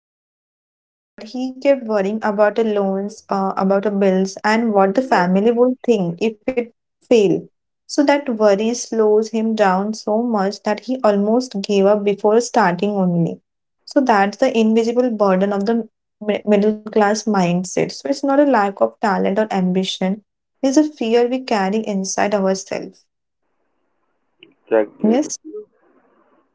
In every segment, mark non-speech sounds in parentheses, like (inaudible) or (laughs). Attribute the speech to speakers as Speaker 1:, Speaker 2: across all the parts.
Speaker 1: the idea was so good, but he kept worrying about the loans, about the bills, and what the
Speaker 2: Yeah,
Speaker 1: family would think if it failed. So that worry slows him down so much that he almost gave up before starting only. So that's the invisible burden of the middle class mindset. So it's not a lack of talent or ambition is a fear we carry inside ourselves.
Speaker 2: exactly.
Speaker 1: Yes,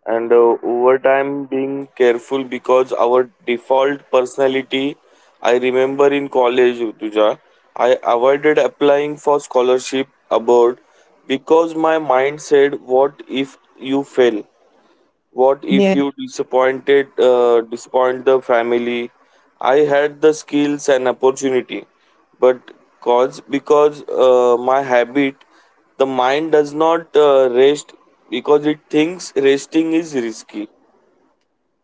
Speaker 2: And Over time, being careful because our default personality. I remember in college, Rutuja, I avoided applying for scholarship abroad because my mind said, "What if you fail? What if
Speaker 1: there.
Speaker 2: you disappoint the family?" I had the skills and opportunity, but cause because my habit, the mind does not rest because it thinks resting is risky.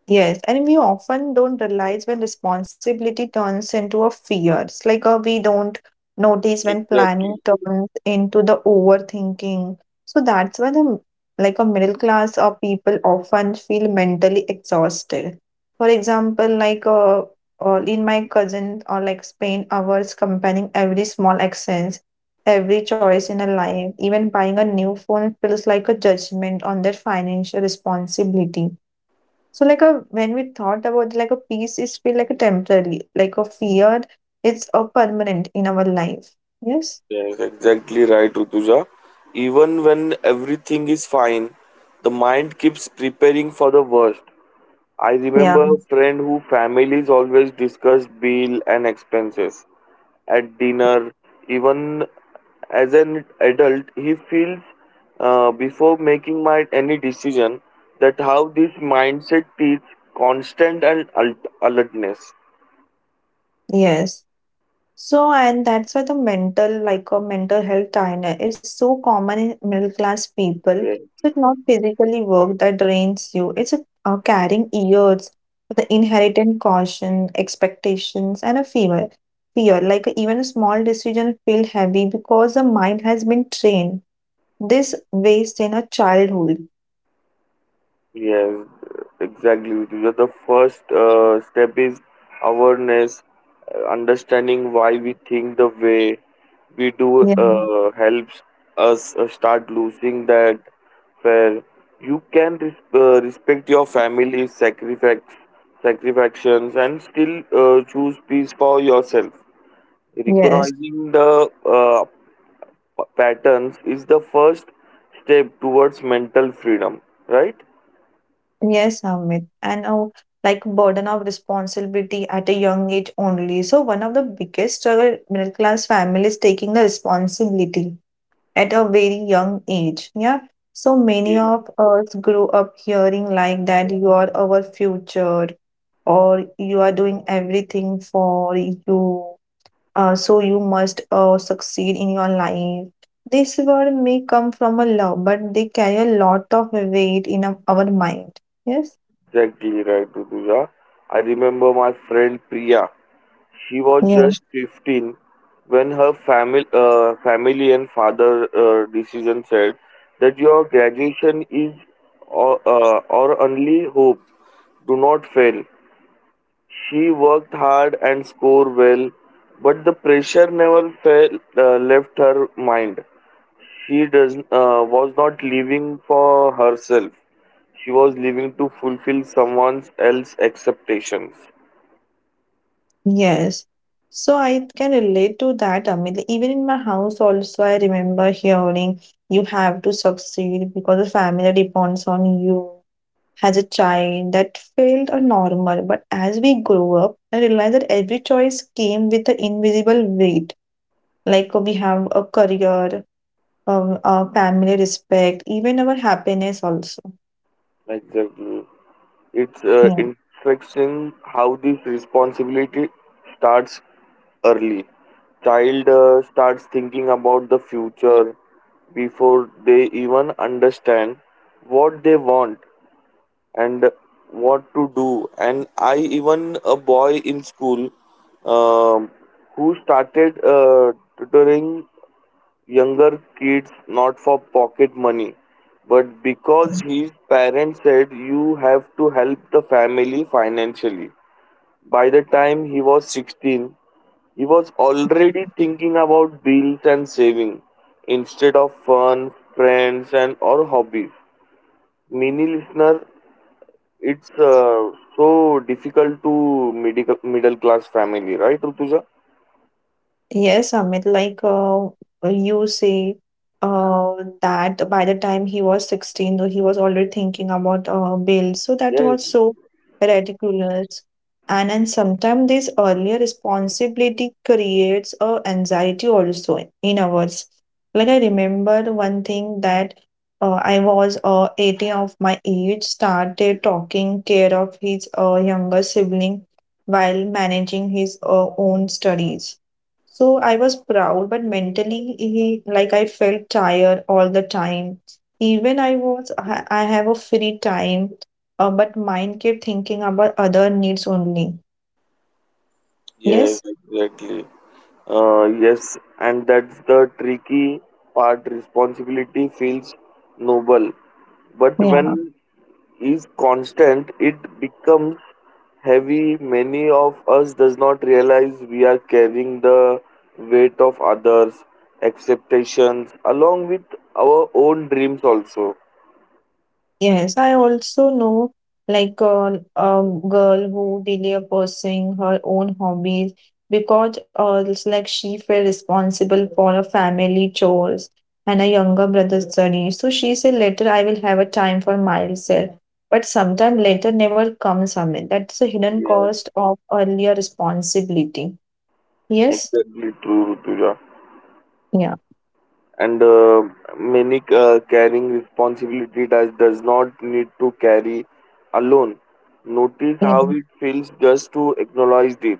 Speaker 1: Yes, and we often don't realize when responsibility turns into a fear. It's like we don't notice when planning
Speaker 2: Exactly.
Speaker 1: turns into the overthinking. So that's why the like a middle class or people often feel mentally exhausted. For example, like in my cousin or like spend hours comparing every small accent, every choice in a life. Even buying a new phone feels like a judgment on their financial responsibility, so like a when we thought about like a peace is feel like a temporary, like a fear, it's a permanent in our life. Yes?
Speaker 2: Yes, exactly right, Rutuja. Even when everything is fine, the mind keeps preparing for the worst. I
Speaker 1: Yeah.
Speaker 2: remember a friend who families always discussed bill and expenses at dinner. Even as an adult, he feels before making my any decision, that how this mindset teach constant and alertness.
Speaker 1: Yes. So and that's why the mental like a mental health diner is so common in middle class people.
Speaker 2: Yeah.
Speaker 1: So it's not physically work that drains you. It's a, carrying years with the inherited caution, expectations, and a fear. Fear like even a small decision feel heavy because the mind has been trained. This waste in a childhood.
Speaker 2: Yes, exactly. Because the first step is awareness, understanding why we think the way we do
Speaker 1: Yeah.
Speaker 2: helps us start losing that fear. You can respect your family's sacrifices, and still choose peace for yourself.
Speaker 1: Yes,
Speaker 2: Recognizing the patterns is the first step towards mental freedom, right?
Speaker 1: yes, Amit. And a like burden of responsibility at a young age only. So one of the biggest struggle middle class families taking the responsibility at a very young age. Yeah. So many of us grew up hearing like that you are our future or you are doing everything for you, so you must succeed in your life. This word may come from a love, but they carry a lot of weight in our mind. Yes.
Speaker 2: Exactly right, Duduja. I remember my friend Priya. She was
Speaker 1: Yeah.
Speaker 2: just 15 when her family and father decision said that your graduation is or, our only hope. Do not fail. She worked hard and scored well, but the pressure never left her mind. She does was not living for herself. She was living to fulfill someone else's expectations.
Speaker 1: Yes. So I can relate to that, Amit. Like, even in my house also, I remember hearing you have to succeed because the family depends on you. As a child, that felt a normal, but as we grow up, I realized that every choice came with an invisible weight. Like we have a career, our family respect, even our happiness also.
Speaker 2: Exactly. It's
Speaker 1: Yeah.
Speaker 2: interesting how this responsibility starts early. Child starts thinking about the future before they even understand what they want and what to do. And I even a boy in school, um, who started tutoring younger kids, not for pocket money but because his parents said you have to help the family financially. By the time he was 16, he was already thinking about bills and saving instead of fun, friends, and or hobbies. Many listeners, it's so difficult to middle class family, right, Rutuja?
Speaker 1: Yes, Amit, like you say uh, that by the time he was 16, though he was already thinking about bail. So that
Speaker 2: Yes.
Speaker 1: was so ridiculous. And sometimes this earlier responsibility creates a anxiety also in ours. Like I remember one thing that I was 18 of my age, started talking care of his younger sibling while managing his own studies so I was proud, but mentally, he, like I felt tired all the time. Even I was, I have a free time, but mind kept thinking about other needs only.
Speaker 2: Yes,
Speaker 1: Yes.
Speaker 2: exactly. Yes, and that's the tricky part. Responsibility feels noble, but
Speaker 1: Yeah.
Speaker 2: when is constant, it becomes heavy. Many of us does not realize we are carrying the weight of others' expectations along with our own dreams also.
Speaker 1: Yes, I also know like a girl who delay pursuing her own hobbies because it's like she felt responsible for her family chores and a younger brother's studies. So she said later I will have a time for myself. But sometime later never comes from it. That's the hidden cost of earlier responsibility. Yes?
Speaker 2: Exactly true, Rutuja.
Speaker 1: Yeah.
Speaker 2: And Many carrying responsibility does not need to carry alone. Notice
Speaker 1: Yeah.
Speaker 2: how it feels just to acknowledge it.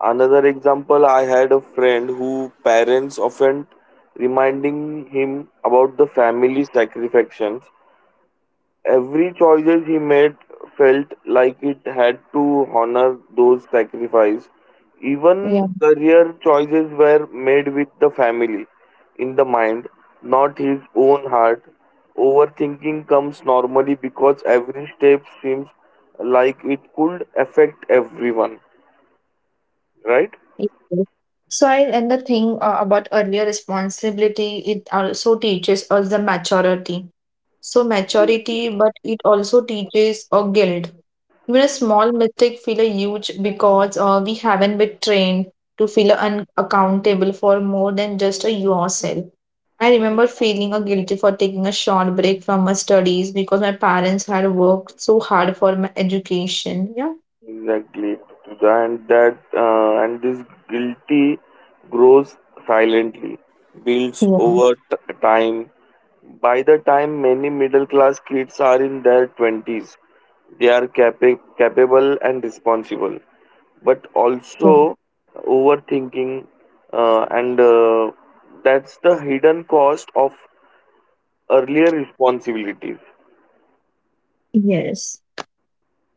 Speaker 2: Another example, I had a friend who parents often reminding him about the family sacrifices. Every choices he made felt like it had to honor those sacrifices.
Speaker 1: Yeah.
Speaker 2: Even career choices were made with the family in the mind, not his own heart. Overthinking comes normally because every step seems like it could affect everyone, right?
Speaker 1: Okay. So I and the thing about earlier responsibility, it also teaches us the maturity. So maturity, but it also teaches a guilt. Even a small mistake feel a huge because we haven't been trained to feel accountable for more than just a yourself. I remember feeling a guilty for taking a short break from my studies because my parents had worked so hard for my education. Yeah.
Speaker 2: Exactly, and this guilty grows silently, builds
Speaker 1: Yeah.
Speaker 2: over time. By the time many middle class kids are in their twenties, they are capable and responsible, but
Speaker 1: Yeah.
Speaker 2: also overthinking, and that's the hidden cost of earlier responsibilities.
Speaker 1: Yes.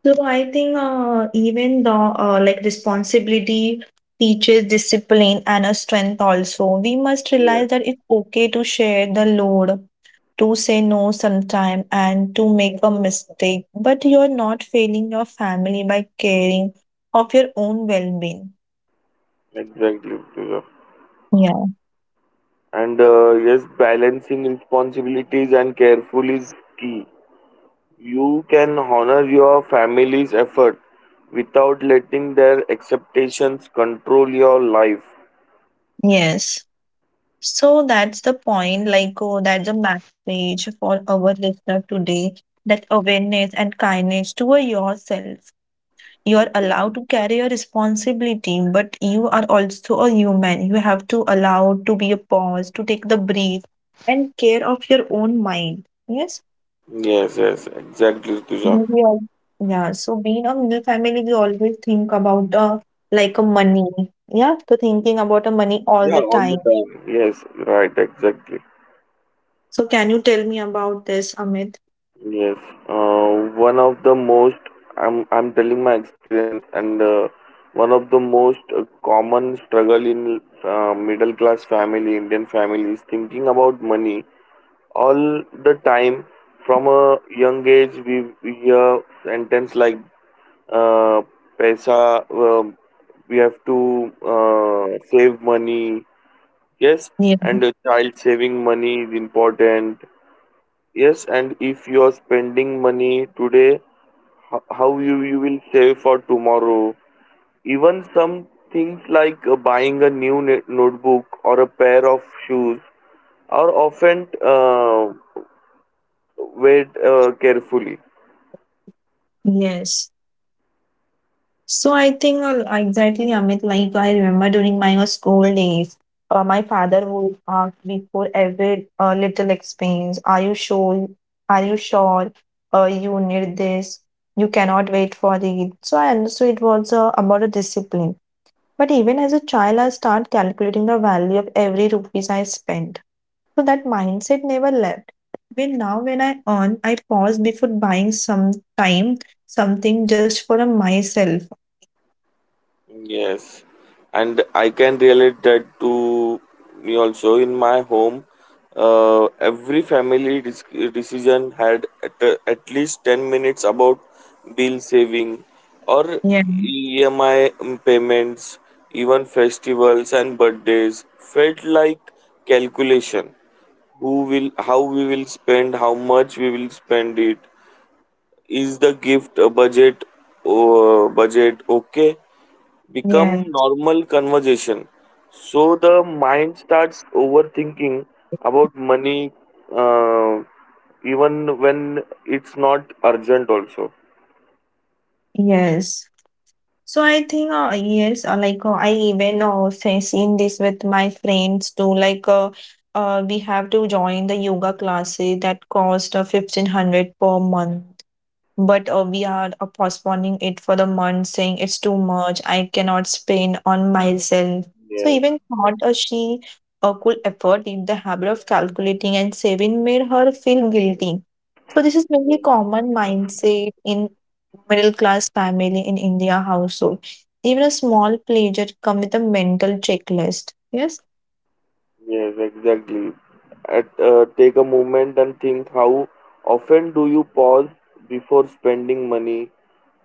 Speaker 1: So I think even the like responsibility teaches discipline and a strength also. We must
Speaker 2: Yeah,
Speaker 1: realize that it's okay to share the load, to say no sometime and to make a mistake, but you're not failing your family by caring of your own well-being.
Speaker 2: exactly.
Speaker 1: Yeah.
Speaker 2: And Yes, balancing responsibilities and careful is key. You can honor your family's effort without letting their expectations control your life.
Speaker 1: Yes. So that's the point, like oh, that's a message for our listener today, that awareness and kindness toward yourself, you are allowed to carry your responsibility but you are also a human, you have to allow to be a pause to take the breath and care of your own mind. Yes.
Speaker 2: Yes, yes, exactly, Tuja.
Speaker 1: Mhm. We all, yeah so being a middle family we always think about like a money, yeah so thinking about a money all
Speaker 2: Yeah,
Speaker 1: the
Speaker 2: all the
Speaker 1: time,
Speaker 2: time. Yes, right, exactly.
Speaker 1: so can you tell me about this, Amit?
Speaker 2: Yes, uh, one of the most, I'm telling my experience, and one of the most common struggle in middle class family Indian family is thinking about money all the time. From a young age, we hear sentence like uh, "paisa," we have to save money. Yes,
Speaker 1: Yeah,
Speaker 2: and a child saving money is important. Yes, and if you are spending money today, how you will save for tomorrow? Even some things like buying a new notebook or a pair of shoes are often weighed carefully.
Speaker 1: yes. So I think exactly, Amit. Like I remember during my school days, my father would ask before every little expense, "Are you sure? Are you sure? You need this. You cannot wait for it." So I understood it was about a discipline. But even as a child, I start calculating the value of every rupees I spend. So that mindset never left. Even now, when I earn, I pause before buying some time something just for myself.
Speaker 2: Yes, and I can relate that to me also. In my home, every family decision had at least 10 minutes about bill saving or EMI payments. Even festivals and birthdays felt like calculation. Who will, how we will spend, how much we will spend it, is the gift a budget? Oh, budget, okay, become
Speaker 1: Yeah,
Speaker 2: normal conversation. So the mind starts overthinking about money, uh, even when it's not urgent also.
Speaker 1: yes. So I think yes, like I even seen this with my friends too. Like we have to join the yoga classes that cost 1500 per month. But we are postponing it for the month, saying it's too much. I cannot spend on myself. So
Speaker 2: Yeah.
Speaker 1: even thought she could afford it, the habit of calculating and saving made her feel guilty. So this is very common mindset in middle class family in India household. Even a small pleasure come with a mental checklist. Yes.
Speaker 2: Yes, exactly. Take a moment and think, how often do you pause before spending money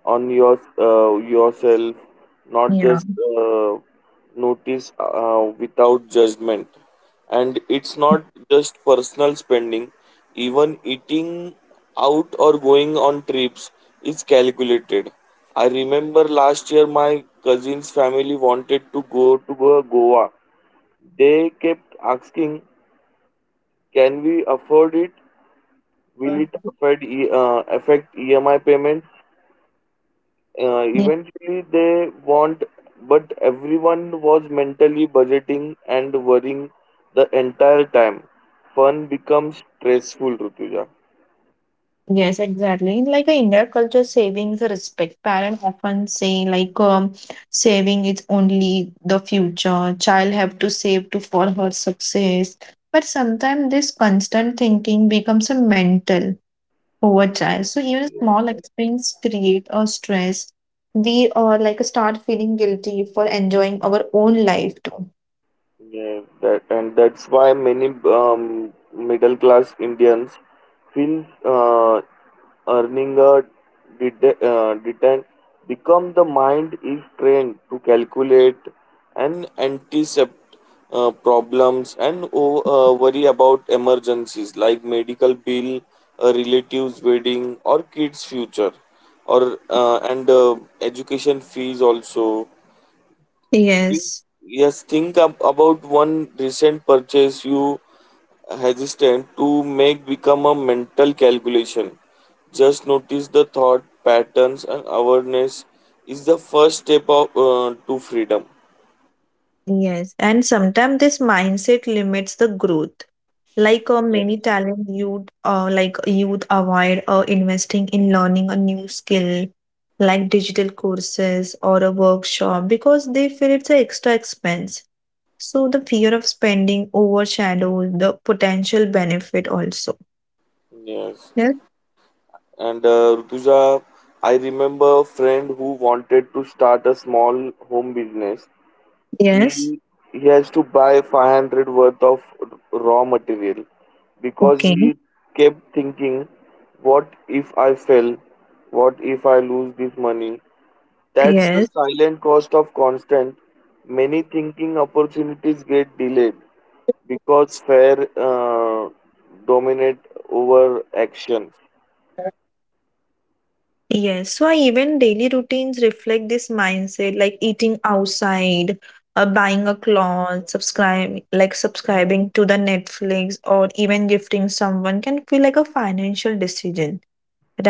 Speaker 2: on your yourself? Not
Speaker 1: Yeah.
Speaker 2: just uh, notice without judgment. And it's not just personal spending; even eating out or going on trips is calculated. I remember last year my cousin's family wanted to go to Goa. They kept asking, "Can we afford it? Will it affect affect EMI payments?"
Speaker 1: Ye-.
Speaker 2: Eventually, they want, but everyone was mentally budgeting and worrying the entire time. Fun becomes stressful, Rutuja.
Speaker 1: Yes, exactly. Like a India culture, savings respect. Parents often say like saving is only the future. Child have to save to for her success. But sometimes this constant thinking becomes a mental over time. So even small expense create a stress. We are like start feeling guilty for enjoying our own life too.
Speaker 2: Yeah, that, and that's why many um, middle class Indians feel uh, earning a detent become the mind is trained to calculate and anticipate problems and worry about emergencies like medical bill, a relative's wedding, or kids' future, or and education fees also.
Speaker 1: Yes,
Speaker 2: Yes, think about one recent purchase you hesitant to make become a mental calculation. Just notice the thought patterns, and awareness is the first step of, to freedom.
Speaker 1: yes. And sometimes this mindset limits the growth. Like many
Speaker 2: Yes.
Speaker 1: talent youth, like youth avoid investing in learning a new skill, like digital courses or a workshop, because they feel it's an extra expense. So the fear of spending overshadows the potential benefit also.
Speaker 2: Yes. And Rutuja, I remember a friend who wanted to start a small home business. He
Speaker 1: Yes.
Speaker 2: he has to buy 500 worth of raw material, because
Speaker 1: Okay.
Speaker 2: he kept thinking, what if I fail? What if I lose this money? That's the
Speaker 1: Yes.
Speaker 2: silent cost of constant. Many thinking opportunities get delayed because fear dominate over action.
Speaker 1: Yes, so I even daily routines reflect this mindset, like eating outside, buying a cloth, like subscribing to the Netflix, or even gifting someone can feel like a financial decision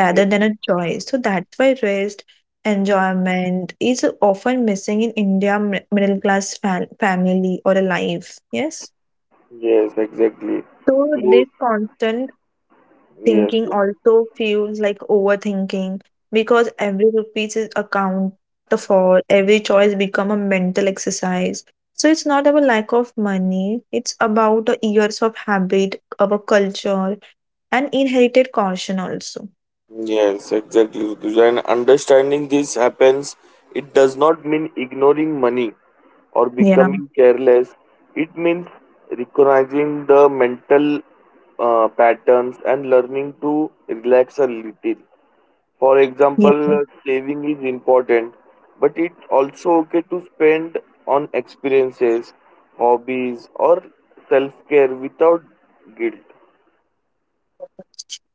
Speaker 2: Yes,
Speaker 1: than a choice. So that's why rest, enjoyment is often missing in India middle class fa family or a life. Yes.
Speaker 2: yes, exactly.
Speaker 1: So
Speaker 2: Close.
Speaker 1: this constant
Speaker 2: Yes.
Speaker 1: thinking also feels like overthinking because every rupees is accounted for, every choice become a mental exercise. So it's not about lack of money, it's about the years of habit, our culture, and inherited caution also.
Speaker 2: Yes, exactly, Rutuja. And understanding this happens, it does not mean ignoring money or
Speaker 1: Yeah.
Speaker 2: becoming careless. It means recognizing the mental patterns and learning to relax a little. For
Speaker 1: Yeah.
Speaker 2: example, saving is important, but it's also okay to spend on experiences, hobbies, or self care without guilt.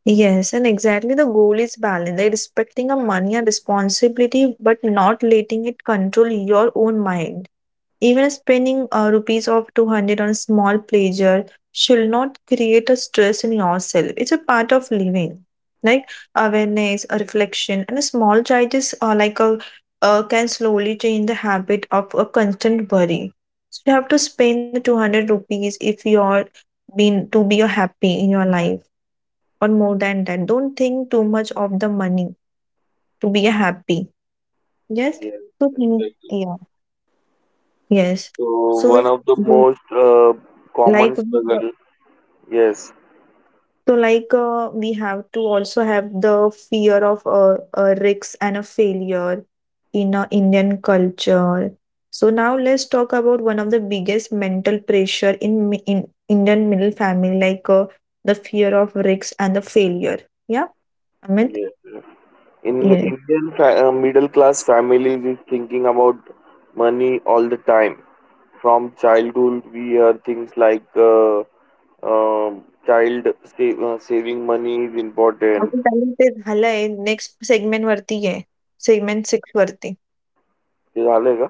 Speaker 1: Yes, and exactly the goal is balance, like respecting a money and responsibility, but not letting it control your own mind. Even spending rupees of 200 on a small pleasure should not create a stress in yourself. It's a part of living. Like awareness, a reflection, and a small changes are like a can slowly change the habit of a constant worry. So you have to spend the 200 rupees if you're being to be a happy in your life or more than that. Don't think too much of the money to be a happy. Yes.
Speaker 2: Yes,
Speaker 1: So think,
Speaker 2: exactly.
Speaker 1: yeah. Yes.
Speaker 2: So
Speaker 1: So
Speaker 2: one
Speaker 1: it-,
Speaker 2: of the most
Speaker 1: like
Speaker 2: common
Speaker 1: (laughs)
Speaker 2: struggle, yes,
Speaker 1: So, like, we have to also have the fear of a risks and a failure in Indian culture. So now let's talk about one of the biggest mental pressure in in Indian middle family, like the fear of risks and the failure. Yeah, Amit.
Speaker 2: yes, yes. In
Speaker 1: Yes.
Speaker 2: Indian middle class families is thinking about money all the time. From childhood, we hear things like child save, saving money is important.
Speaker 1: आपण त्याला ते झालंय next segment वरती आहे segment six वरती
Speaker 2: ते झालंय का?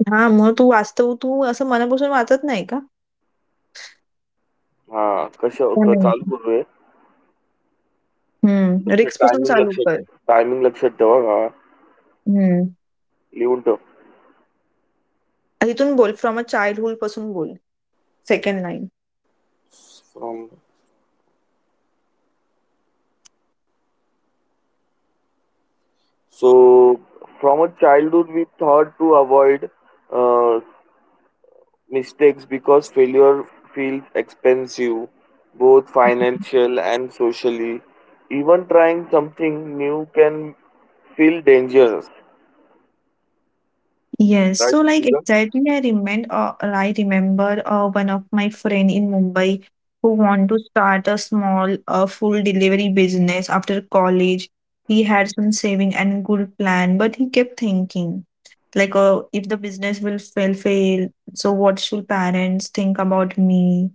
Speaker 1: हा मग तू वाचतो तू असं मनापासून वाचत नाही का
Speaker 2: हा कशा
Speaker 1: या
Speaker 2: क- चालू करूया
Speaker 1: हम्म
Speaker 2: लक्ष
Speaker 1: रिक्स पासून चालू
Speaker 2: टायमिंग लक्षात ठेवा हा
Speaker 1: कर
Speaker 2: लिहून ठेव
Speaker 1: इथून बोल, फ्रॉम अ चाइल्डहूडपासून बोल. Second line.
Speaker 2: From. So from a childhood, we thought to avoid uh, mistakes because failure feels expensive, both financial and socially. Even trying something new can feel dangerous.
Speaker 1: Yes.
Speaker 2: Right,
Speaker 1: So like
Speaker 2: Rutuja?
Speaker 1: exactly I remember one of my friend in Mumbai who want to start a small food delivery business after college. He had some saving and good plan, but he kept thinking like if the business will fail, so what should parents think about me?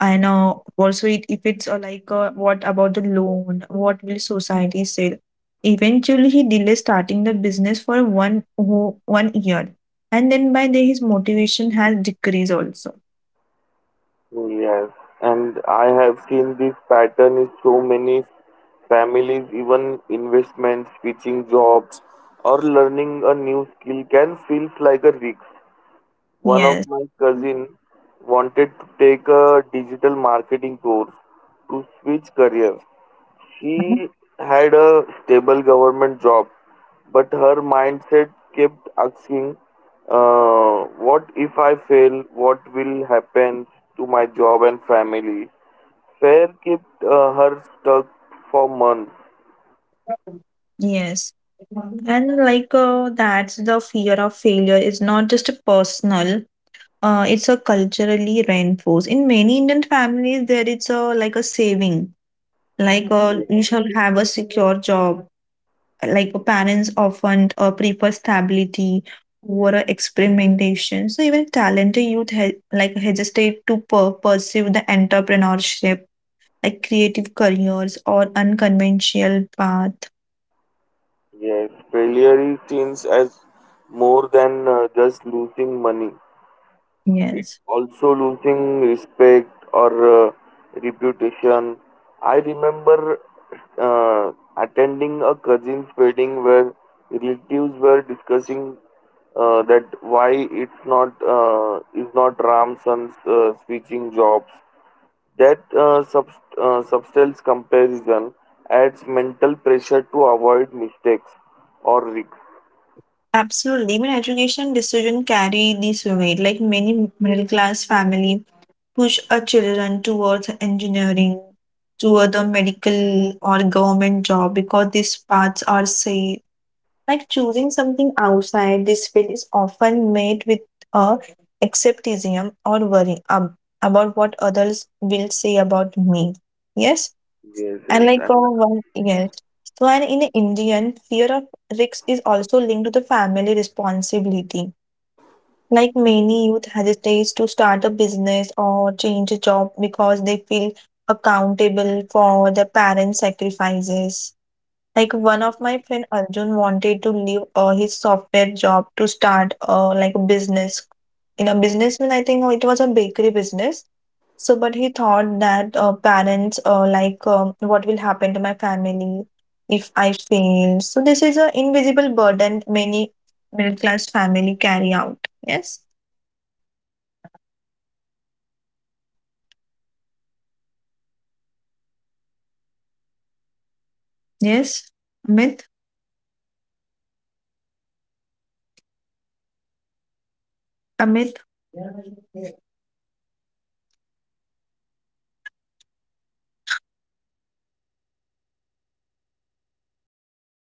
Speaker 1: I know. Also, it, if it's like, what about the loan? What will society say? Eventually, he delays starting the business for 1 year, and then by then his motivation has decreased also.
Speaker 2: Yes, and I have seen this pattern in so many families. Even investments, switching jobs, or learning a new skill can feel like a risk. One of
Speaker 1: Yes,
Speaker 2: my cousin wanted to take a digital marketing course to switch careers. She had a stable government job, but her mindset kept asking, uh, "What if I fail? What will happen to my job and family?" Fear kept her stuck for months.
Speaker 1: yes, and like that's the fear of failure. Is not just a personal. It's a culturally reinforced. In many Indian families, there is a like a saving. Like you shall have a secure job, like parents often prefer stability over experimentation so even talented youth like hesitate to pursue the entrepreneurship like creative careers or unconventional path.
Speaker 2: Yes, failure is seen as more than just losing money. It's
Speaker 1: Yes,
Speaker 2: also losing respect or uh, reputation. I remember uh, attending a cousin's wedding where relatives were discussing that why it's not is not Ramson's switching jobs. That substance comparison adds mental pressure to avoid mistakes or risks.
Speaker 1: absolutely, even education decision carry this weight like many middle class family push a children towards engineering toward the medical or government job because these paths are safe. Like choosing something outside this field is often made with a acceptism or worry about what others will say about me. Yes,
Speaker 2: Yes,
Speaker 1: and
Speaker 2: yes,
Speaker 1: like one yes. So and in Indian, fear of risks is also linked to the family responsibility. Like many youth hesitates to start a business or change a job because they feel accountable for their parents' sacrifices. Like one of my friend Arjun wanted to leave his software job to start like a business. In a business, mean I think oh, it was a bakery business. So, but he thought that parents like what will happen to my family if I fail. So this is an invisible burden many middle class family carry out. Yes.
Speaker 2: yes, exactly. And Its affect even small life choices.
Speaker 1: Yes. Amit. Amit.